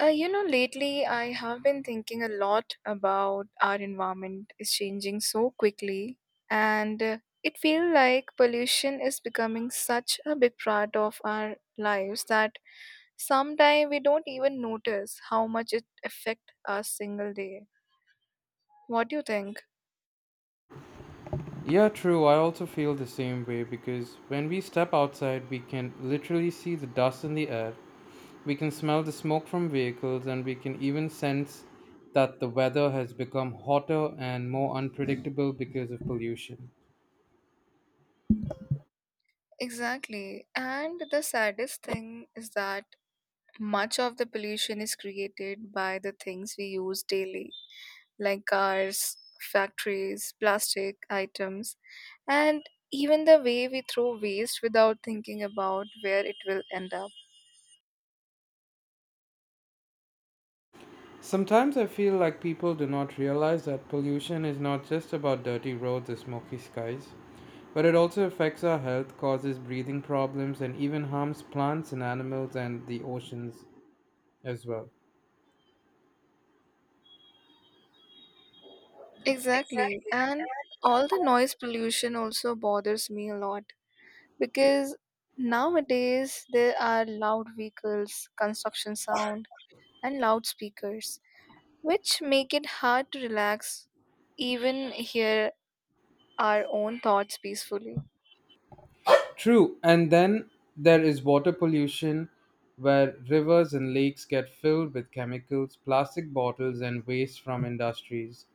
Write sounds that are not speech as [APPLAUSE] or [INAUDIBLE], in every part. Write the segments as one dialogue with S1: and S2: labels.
S1: Lately I have been thinking a lot about our environment is changing so quickly, and it feels like pollution is becoming such a big part of our lives that sometimes we don't even notice how much it affects us single day. What do you think?
S2: Yeah, true. I also feel the same way because when we step outside, we can literally see the dust in the air, we can smell the smoke from vehicles, and we can even sense that the weather has become hotter and more unpredictable because of pollution.
S1: Exactly. And the saddest thing is that much of the pollution is created by the things we use daily like cars, factories, plastic items, and even the way we throw waste without thinking about where it will end up.
S2: Sometimes I feel like people do not realize that pollution is not just about dirty roads or smoky skies, but it also affects our health, causes breathing problems, and even harms plants and animals and the oceans as well.
S1: Exactly. And all the noise pollution also bothers me a lot because nowadays there are loud vehicles, construction sound, and loudspeakers, which make it hard to relax, even hear our own thoughts peacefully.
S2: True, and then there is water pollution where rivers and lakes get filled with chemicals, plastic bottles, and waste from industries.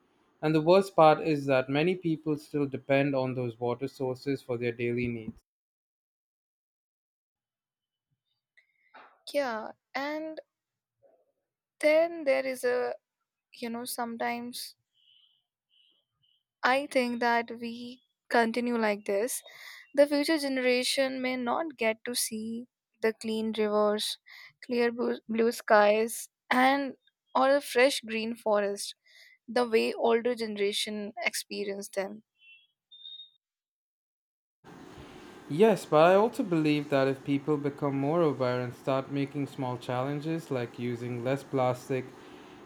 S2: And the worst part is that many people still depend on those water sources for their daily needs.
S1: Yeah, and then there is a sometimes I think that we continue like this, the future generation may not get to see the clean rivers, clear blue skies and or a fresh green forest, the way older generation experience them.
S2: Yes, but I also believe that if people become more aware and start making small challenges like using less plastic,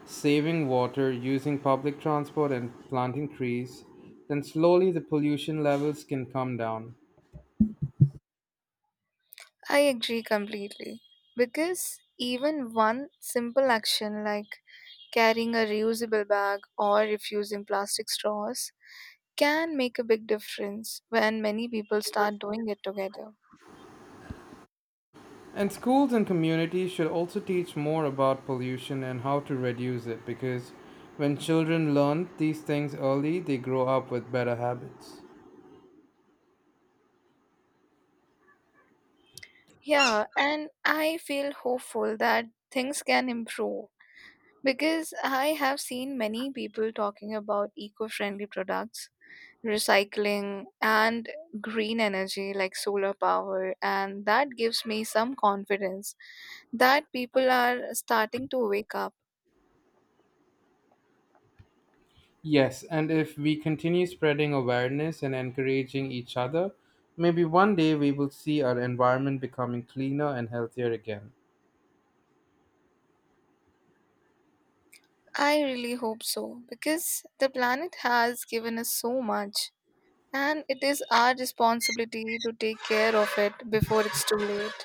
S2: saving water, using public transport, and planting trees, then slowly the pollution levels can come down.
S1: I agree completely because even one simple action like carrying a reusable bag or refusing plastic straws can make a big difference when many people start doing it together.
S2: And schools and communities should also teach more about pollution and how to reduce it because when children learn these things early, they grow up with better habits.
S1: Yeah, and I feel hopeful that things can improve because I have seen many people talking about eco friendly products, recycling, and green energy like solar power, and that gives me some confidence that people are starting to wake up.
S2: Yes, and if we continue spreading awareness and encouraging each other, maybe one day we will see our environment becoming cleaner and healthier again.
S1: I really hope so because the planet has given us so much. And it is our responsibility to take care of it before it's too late.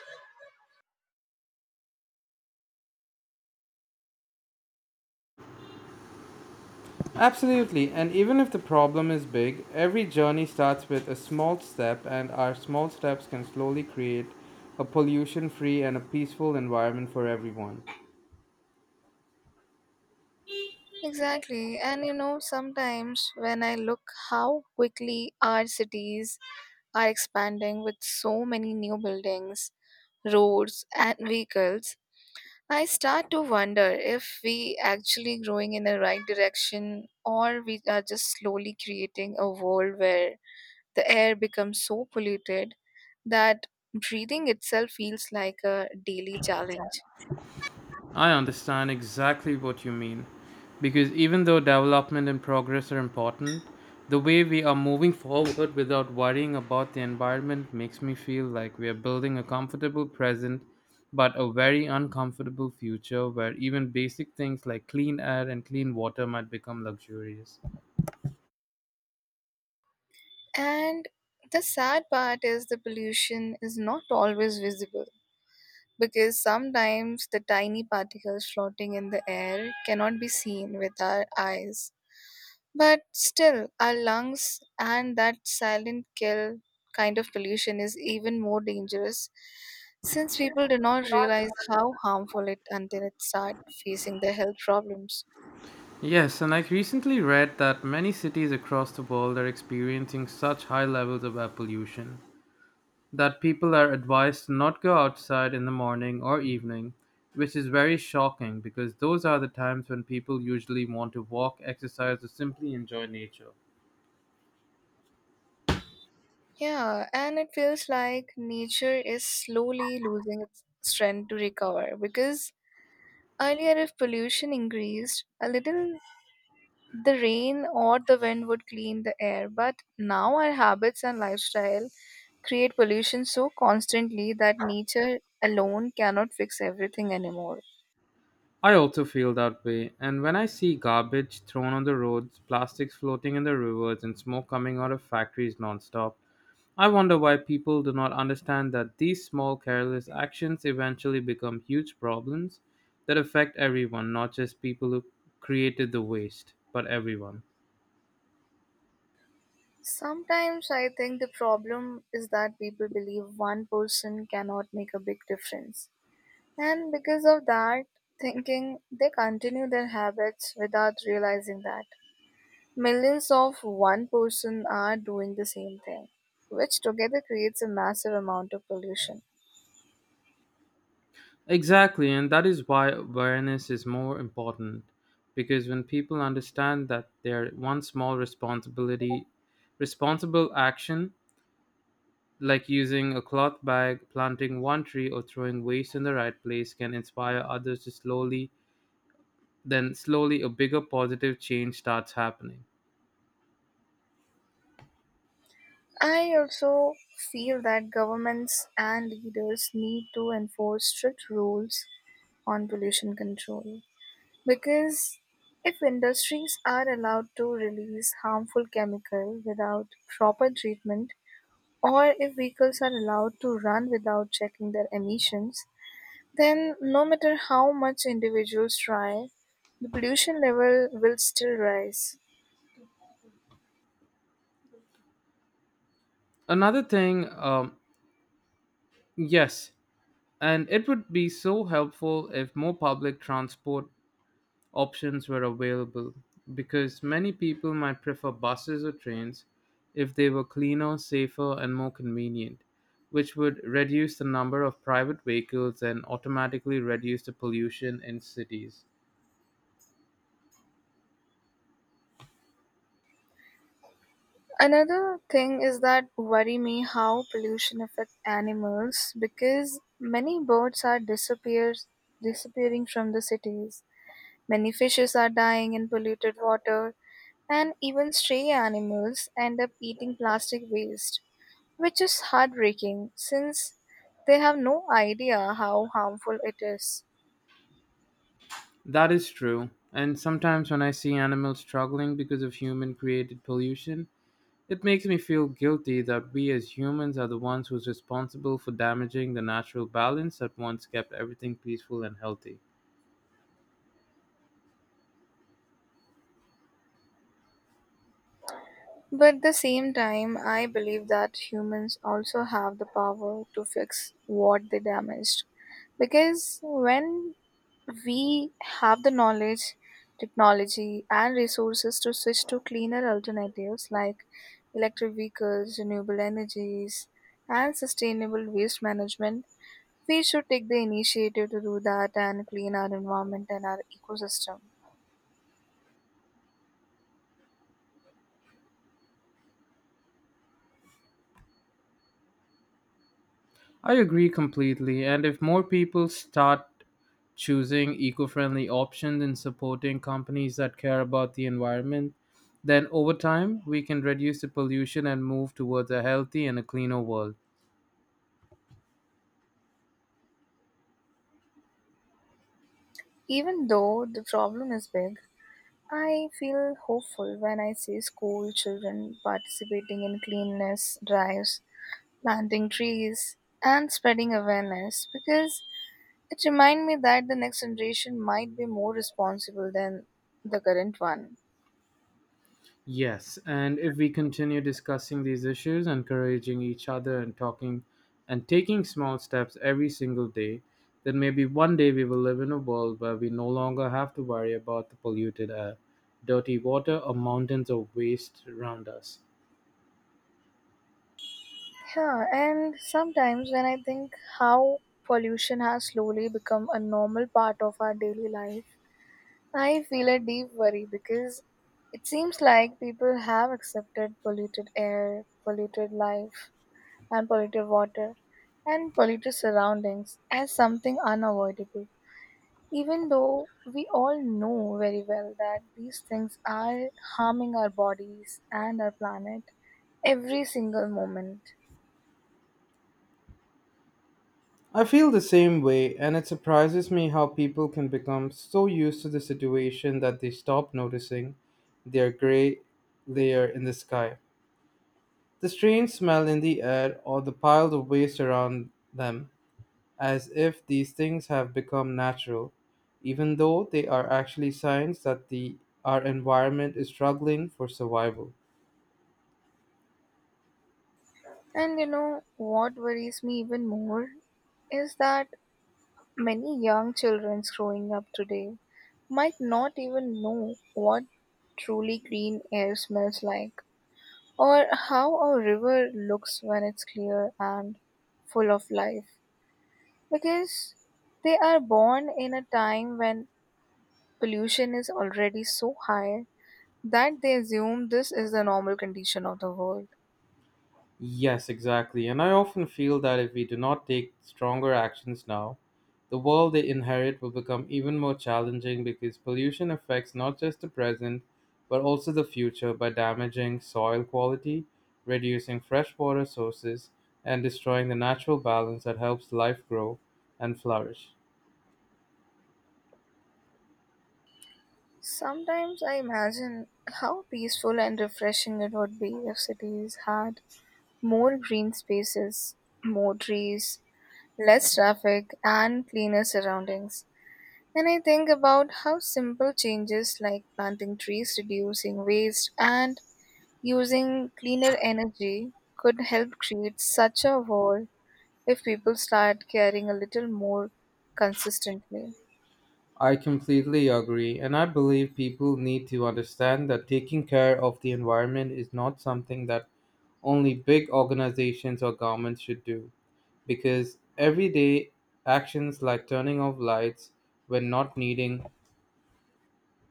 S2: Absolutely, and even if the problem is big, every journey starts with a small step, and our small steps can slowly create a pollution free and a peaceful environment for everyone.
S1: Exactly. And sometimes when I look how quickly our cities are expanding with so many new buildings, roads, and vehicles, I start to wonder if we actually growing in the right direction or we are just slowly creating a world where the air becomes so polluted that breathing itself feels like a daily challenge.
S2: I understand exactly what you mean. Because even though development and progress are important, the way we are moving forward without worrying about the environment makes me feel like we are building a comfortable present but a very uncomfortable future where even basic things like clean air and clean water might become luxurious.
S1: And the sad part is the pollution is not always visible because sometimes the tiny particles floating in the air cannot be seen with our eyes. But still, our lungs and that silent kill kind of pollution is even more dangerous since people do not realize how harmful it until it starts facing their health problems.
S2: Yes, and I recently read that many cities across the world are experiencing such high levels of air pollution that people are advised to not go outside in the morning or evening, which is very shocking because those are the times when people usually want to walk, exercise, or simply enjoy nature.
S1: Yeah, and it feels like nature is slowly losing its strength to recover because earlier, if pollution increased a little, the rain or the wind would clean the air. But now, our habits and lifestyle create pollution so constantly that nature alone cannot fix everything anymore.
S2: I also feel that way, and when I see garbage thrown on the roads, plastics floating in the rivers, and smoke coming out of factories nonstop, I wonder why people do not understand that these small careless actions eventually become huge problems that affect everyone, not just people who created the waste, but everyone.
S1: Sometimes I think the problem is that people believe one person cannot make a big difference. And because of that thinking, they continue their habits without realizing that millions of one person are doing the same thing, which together creates a massive amount of pollution.
S2: Exactly, and that is why awareness is more important because when people understand that their one small responsibility responsible action like using a cloth bag, planting one tree or throwing waste in the right place can inspire others to slowly a bigger positive change starts happening.
S1: I also feel that governments and leaders need to enforce strict rules on pollution control because if industries are allowed to release harmful chemical without proper treatment or if vehicles are allowed to run without checking their emissions, then no matter how much individuals try, the pollution level will still rise.
S2: Another thing, yes, and it would be so helpful if more public transport options were available because many people might prefer buses or trains if they were cleaner, safer, and more convenient, which would reduce the number of private vehicles and automatically reduce the pollution in cities.
S1: Another thing is that worry me how pollution affects animals because many birds are disappears disappearing from the cities. Many fishes are dying in polluted water and even stray animals end up eating plastic waste, which is heartbreaking since they have no idea how harmful it is.
S2: That is true, and sometimes when I see animals struggling because of human created pollution, it makes me feel guilty that we as humans are the ones who's responsible for damaging the natural balance that once kept everything peaceful and healthy.
S1: But at the same time, I believe that humans also have the power to fix what they damaged. Because when we have the knowledge, technology, and resources to switch to cleaner alternatives like electric vehicles, renewable energies, and sustainable waste management, we should take the initiative to do that and clean our environment and our ecosystem.
S2: I agree completely. And if more people start choosing eco friendly options and supporting companies that care about the environment, then over time we can reduce the pollution and move towards a healthy and a cleaner world.
S1: Even though the problem is big, I feel hopeful when I see school children participating in cleanliness drives, planting trees, and spreading awareness because it reminds me that the next generation might be more responsible than the current one.
S2: Yes, and if we continue discussing these issues, encouraging each other and talking and taking small steps every single day, then maybe one day we will live in a world where we no longer have to worry about the polluted air, dirty water, or mountains of waste around us.
S1: Yeah, and sometimes when I think how pollution has slowly become a normal part of our daily life, I feel a deep worry because it seems like people have accepted polluted air, polluted life, and polluted water, and polluted surroundings as something unavoidable, even though we all know very well that these things are harming our bodies and our planet every single moment.
S2: I feel the same way, and it surprises me how people can become so used to the situation that they stop noticing their gray layer in the sky. The strange smell in the air or the piled of waste around them, as if these things have become natural, even though they are actually signs that our environment is struggling for survival.
S1: And you know what worries me even more is that many young children growing up today might not even know what truly green air smells like, or how a river looks when it's clear and full of life, because they are born in a time when pollution is already so high that they assume this is the normal condition of the world.
S2: Yes, exactly. And I often feel that if we do not take stronger actions now, the world they inherit will become even more challenging because pollution affects not just the present but also the future by damaging soil quality, reducing freshwater sources, and destroying the natural balance that helps life grow and flourish.
S1: Sometimes I imagine how peaceful and refreshing it would be if cities had more green spaces, more trees, less traffic, and cleaner surroundings. And I think about how simple changes like planting trees, reducing waste, and using cleaner energy could help create such a world if people start caring a little more consistently.
S2: I completely agree, and I believe people need to understand that taking care of the environment is not something that only big organizations or governments should do, because everyday actions like turning off lights when not needing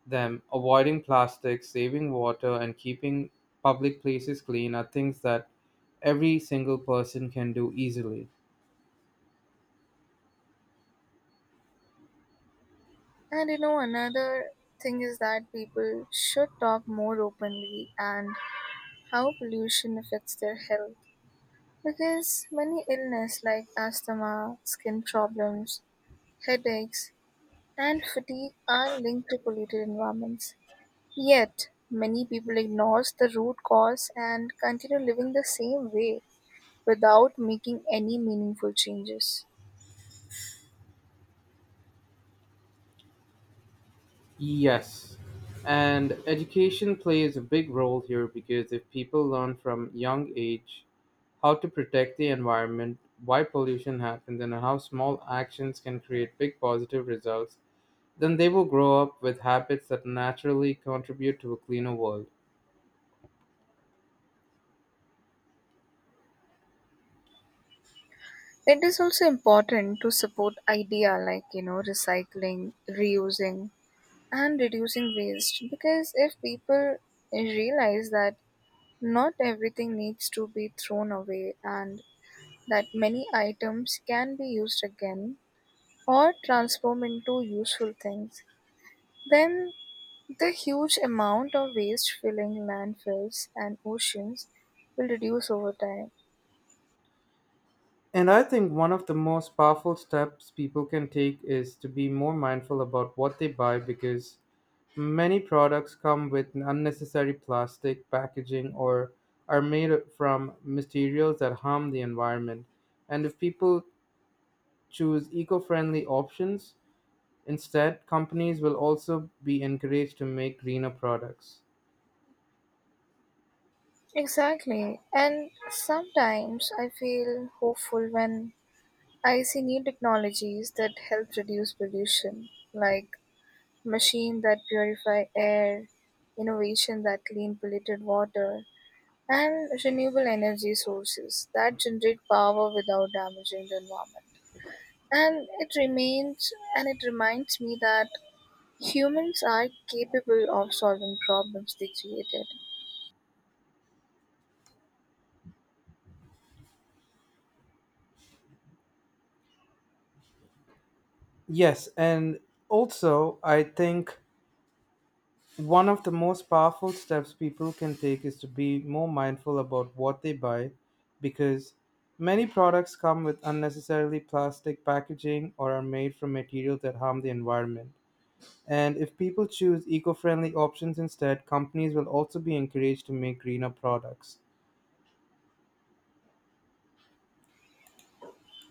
S2: them, avoiding plastic, saving water, and keeping public places clean are things that every single person can do easily.
S1: And another thing is that people should talk more openly and how pollution affects their health. Because many illness like asthma, skin problems, headaches, and fatigue are linked to polluted environments. Yet, many people ignore the root cause and continue living the same way without making any meaningful changes.
S2: Yes. And education plays a big role here because if people learn from young age how to protect the environment, why pollution happens, and how small actions can create big positive results, then they will grow up with habits that naturally contribute to a cleaner world.
S1: It is also important to support idea like recycling, reusing, and reducing waste because if people realize that not everything needs to be thrown away and that many items can be used again or transform into useful things, then the huge amount of waste filling landfills and oceans will reduce over time.
S2: And I think one of the most powerful steps people can take is to be more mindful about what they buy because many products come with unnecessary plastic packaging or are made from materials that harm the environment. And if people choose eco friendly options, instead, companies will also be encouraged to make greener products.
S1: Exactly. And sometimes I feel hopeful when I see new technologies that help reduce pollution, like machines that purify air, innovation that clean polluted water, and renewable energy sources that generate power without damaging the environment. And it remains and it reminds me that humans are capable of solving problems they created.
S2: Yes, and also I think one of the most powerful steps people can take is to be more mindful about what they buy because many products come with unnecessarily plastic packaging or are made from materials that harm the environment. And if people choose eco friendly options instead, companies will also be encouraged to make greener products.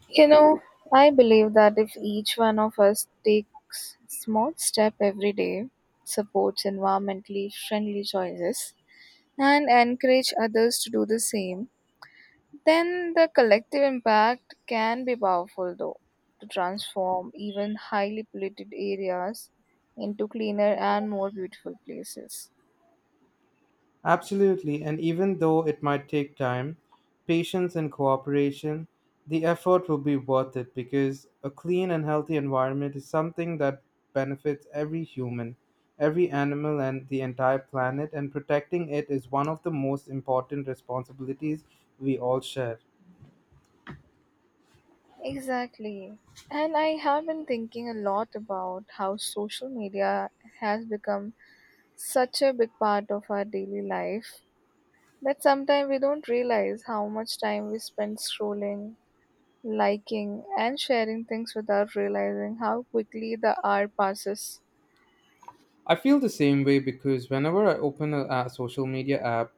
S1: You know, I believe that if each one of us takes small step every day, supports environmentally friendly choices, and encourage others to do the same, then the collective impact can be powerful, though, to transform even highly polluted areas into cleaner and more beautiful places.
S2: Absolutely, and even though it might take time, patience, and cooperation, the effort will be worth it because a clean and healthy environment is something that benefits every human, every animal, and the entire planet, and protecting it is one of the most important responsibilities we all share.
S1: Exactly. And I have been thinking a lot about how social media has become such a big part of our daily life that sometimes we don't realize how much time we spend scrolling, liking, and sharing things without realizing how quickly the hour passes.
S2: I feel the same way because whenever I open a social media app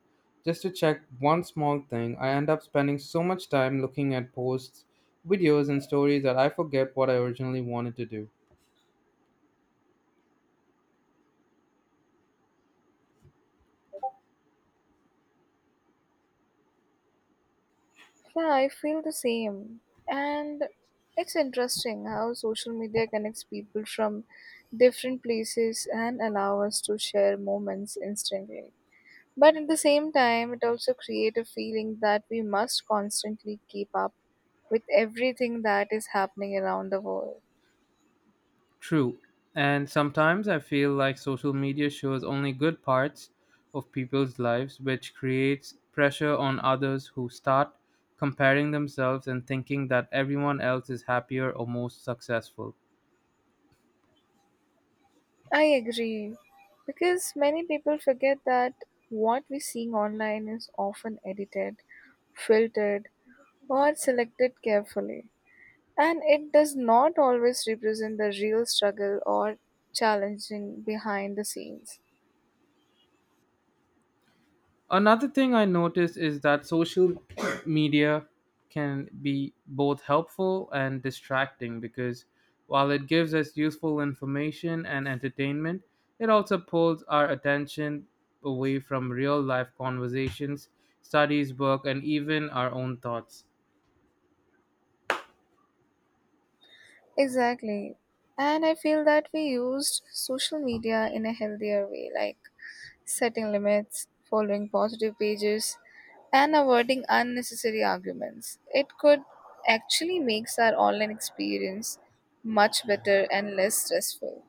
S2: just to check one small thing, I end up spending so much time looking at posts, videos, and stories that I forget what I originally wanted to do.
S1: Yeah, I feel the same. And it's interesting how social media connects people from different places and allow us to share moments instantly. But at the same time, it also creates a feeling that we must constantly keep up with everything that is happening around the world.
S2: True. And sometimes I feel like social media shows only good parts of people's lives, which creates pressure on others who start comparing themselves and thinking that everyone else is happier or more successful.
S1: I agree. Because many people forget that what we're seeing online is often edited, filtered, or selected carefully. And it does not always represent the real struggle or challenging behind the scenes.
S2: Another thing I noticed is that social [COUGHS] media can be both helpful and distracting because while it gives us useful information and entertainment, it also pulls our attention away from real life conversations, studies, work, and even our own thoughts.
S1: Exactly. And I feel that we used social media in a healthier way, like setting limits, following positive pages, and avoiding unnecessary arguments. It could actually makes our online experience much better and less stressful.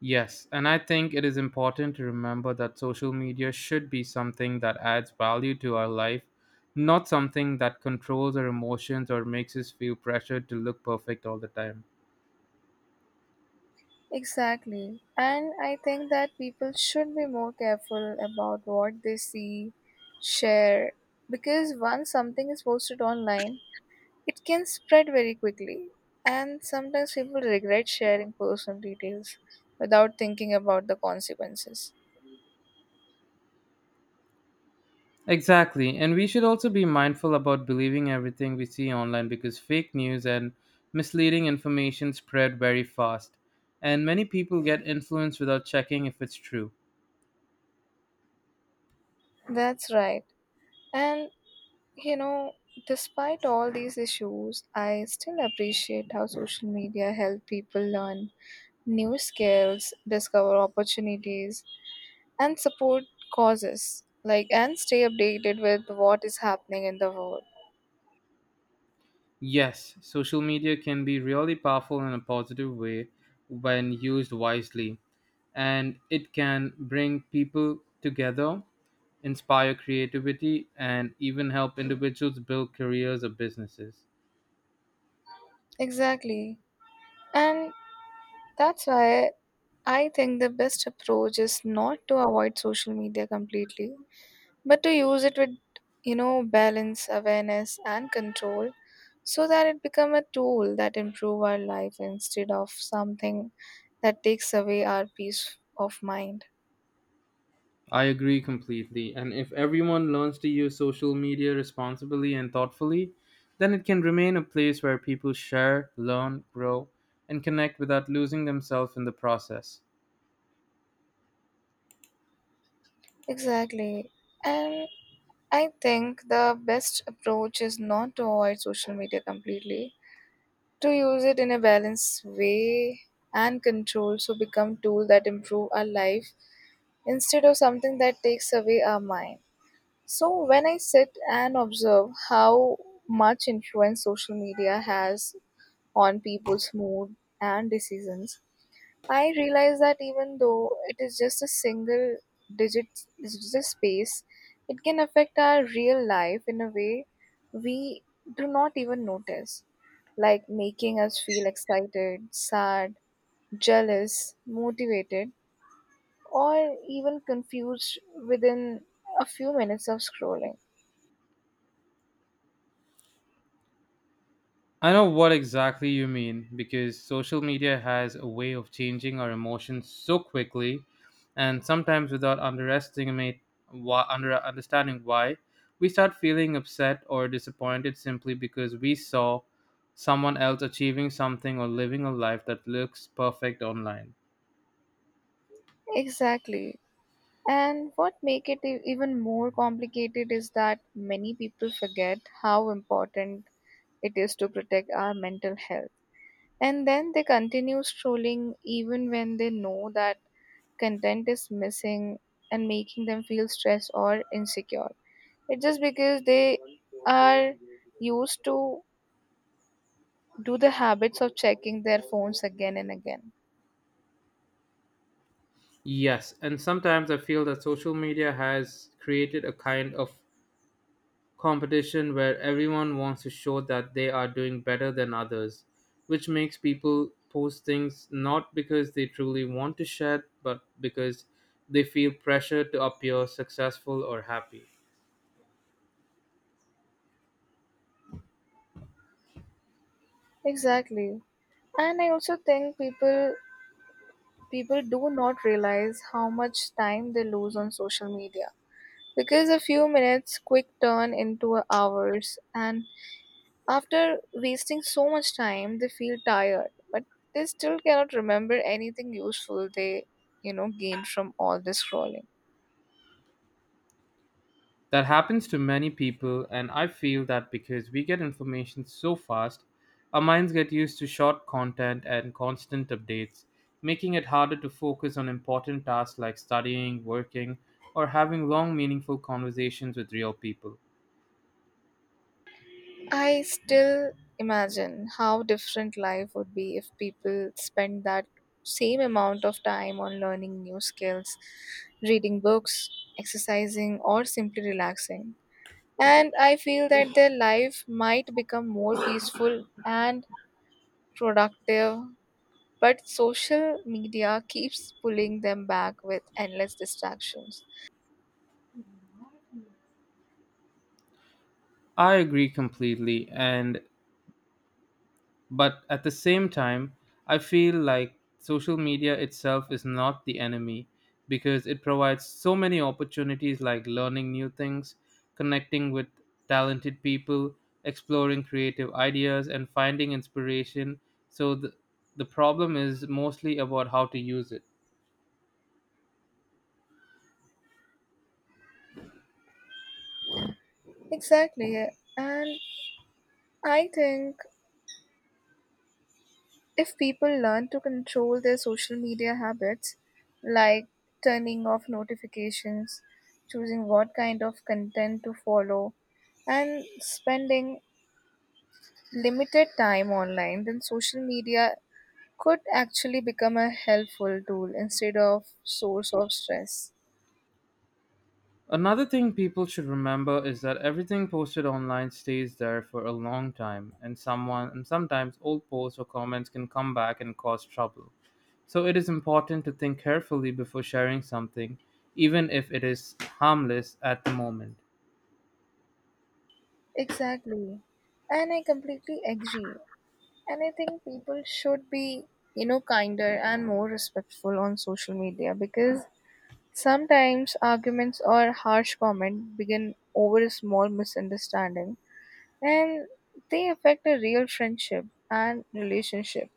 S2: Yes, and I think it is important to remember that social media should be something that adds value to our life, not something that controls our emotions or makes us feel pressured to look perfect all the time.
S1: Exactly. And I think that people should be more careful about what they see, share, because once something is posted online, it can spread very quickly. And sometimes people regret sharing personal details without thinking about the consequences.
S2: Exactly, and we should also be mindful about believing everything we see online because fake news and misleading information spread very fast, and many people get influenced without checking if it's true.
S1: That's right. And you know, despite all these issues, I still appreciate how social media help people learn new skills, discover opportunities, and support causes like and stay updated with what is happening in the world.
S2: Yes, social media can be really powerful in a positive way when used wisely and it can bring people together, inspire creativity, and even help individuals build careers or businesses.
S1: Exactly. And that's why I think the best approach is not to avoid social media completely, but to use it with balance awareness and control, so that it become a tool that improve our life instead of something that takes away our peace of mind.
S2: I agree completely. And if everyone learns to use social media responsibly and thoughtfully, then it can remain a place where people share, learn, grow, and connect without losing themselves in the process.
S1: Exactly. And I think the best approach is not to avoid social media completely, to use it in a balanced way and control so become tool that improve our life instead of something that takes away our mind. So when I sit and observe how much influence social media has on people's mood and decisions, I realize that even though it is just a single digit, it's just space, it can affect our real life in a way we do not even notice, like making us feel excited, sad, jealous, motivated, or even confused within a few minutes of scrolling.
S2: I know what exactly you mean because social media has a way of changing our emotions so quickly and sometimes without underestimate why, under understanding why we start feeling upset or disappointed simply because we saw someone else achieving something or living a life that looks perfect online.
S1: Exactly. And what make it even more complicated is that many people forget how important it is to protect our mental health. And then they continue strolling even when they know that content is missing and making them feel stressed or insecure. It's just because they are used to do the habits of checking their phones again and again.
S2: Yes, and sometimes I feel that social media has created a kind of competition where everyone wants to show that they are doing better than others, which makes people post things not because they truly want to share, but because they feel pressure to appear successful or happy.
S1: Exactly. And I also think people do not realize how much time they lose on social media because a few minutes quick turn into hours and after wasting so much time, they feel tired, but they still cannot remember anything useful they, gained from all this scrolling.
S2: That happens to many people, and I feel that because we get information so fast, our minds get used to short content and constant updates, making it harder to focus on important tasks like studying, working, or having long, meaningful conversations with real people.
S1: I still imagine how different life would be if people spend that same amount of time on learning new skills, reading books, exercising, or simply relaxing. And I feel that their life might become more peaceful and productive but social media keeps pulling them back with endless distractions.
S2: I agree completely and but at the same time I feel like social media itself is not the enemy because it provides so many opportunities like learning new things, connecting with talented people, exploring creative ideas and finding inspiration. So the problem is mostly about how to use it.
S1: Exactly. And I think if people learn to control their social media habits, like turning off notifications, choosing what kind of content to follow, and spending limited time online, then social media could actually become a helpful tool instead of source of stress.
S2: Another thing people should remember is that everything posted online stays there for a long time, and someone and sometimes old posts or comments can come back and cause trouble. So it is important to think carefully before sharing something, even if it is harmless at the moment.
S1: Exactly. And I completely agree. And I think people should be, kinder and more respectful on social media because sometimes arguments or harsh comment begin over a small misunderstanding and they affect a real friendship and relationship,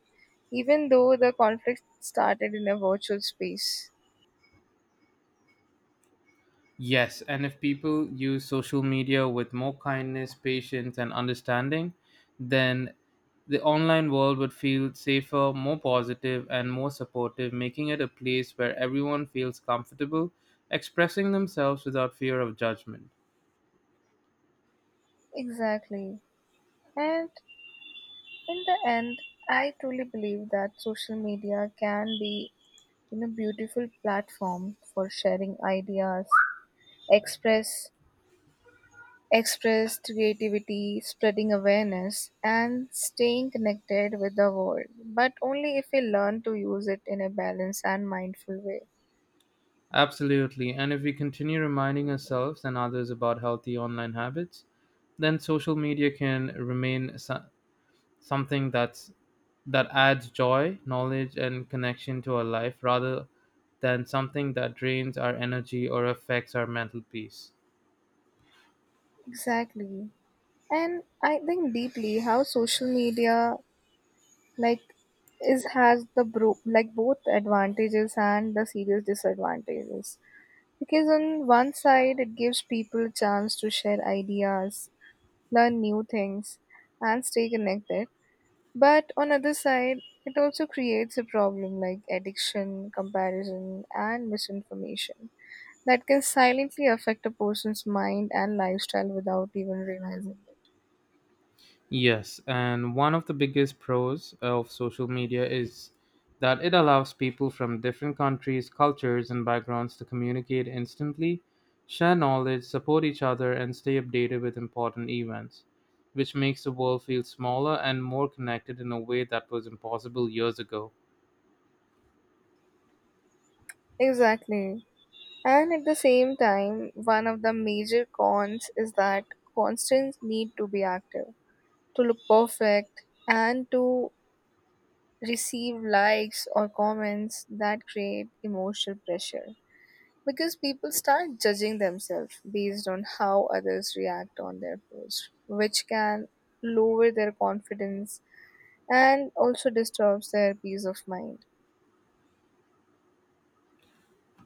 S1: even though the conflict started in a virtual space.
S2: Yes, and if people use social media with more kindness, patience, and understanding, then the online world would feel safer, more positive, and more supportive, making it a place where everyone feels comfortable expressing themselves without fear of judgment.
S1: Exactly. And in the end, I truly believe that social media can be beautiful platform for sharing ideas, express express creativity, spreading awareness, and staying connected with the world, but only if we learn to use it in a balanced and mindful way.
S2: Absolutely, and if we continue reminding ourselves and others about healthy online habits, then social media can remain something that adds joy, knowledge, and connection to our life rather than something that drains our energy or affects our mental peace.
S1: Exactly. And I think deeply how social media like is has the like both advantages and the serious disadvantages. Because on one side it gives people chance to share ideas, learn new things and stay connected. But on other side, it also creates a problem like addiction, comparison, and misinformation that can silently affect a person's mind and lifestyle without even realizing
S2: Yes, and one of the biggest pros of social media is that it allows people from different countries, cultures, and backgrounds to communicate instantly, share knowledge, support each other, and stay updated with important events, which makes the world feel smaller and more connected in a way that was impossible years ago.
S1: it. Exactly. And at the same time, one of the major cons is that constants need to be active, to look perfect, and to receive likes or comments that create emotional pressure because people start judging themselves based on how others react on their post, which can lower their confidence and also disturbs their peace of mind.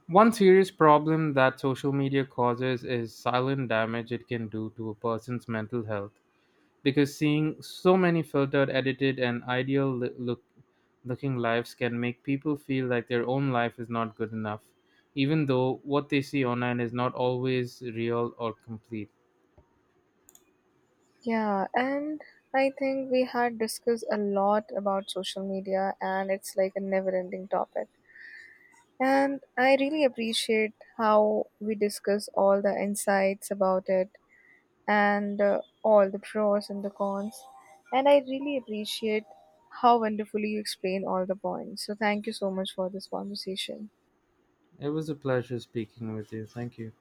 S2: One serious problem that social media causes is silent damage it can do to a person's mental health because seeing so many filtered, edited, and ideal li- look looking lives can make people feel like their own life is not good enough, even though what they see online is not always real or complete.
S1: Yeah, and I think we had discussed a lot about social media, and it's like a never ending topic. And I really appreciate how we discuss all the insights about it and all the pros and the cons. And I really appreciate how wonderfully you explain all the points. So, thank you so much for this conversation.
S2: It was a pleasure speaking with you. Thank you.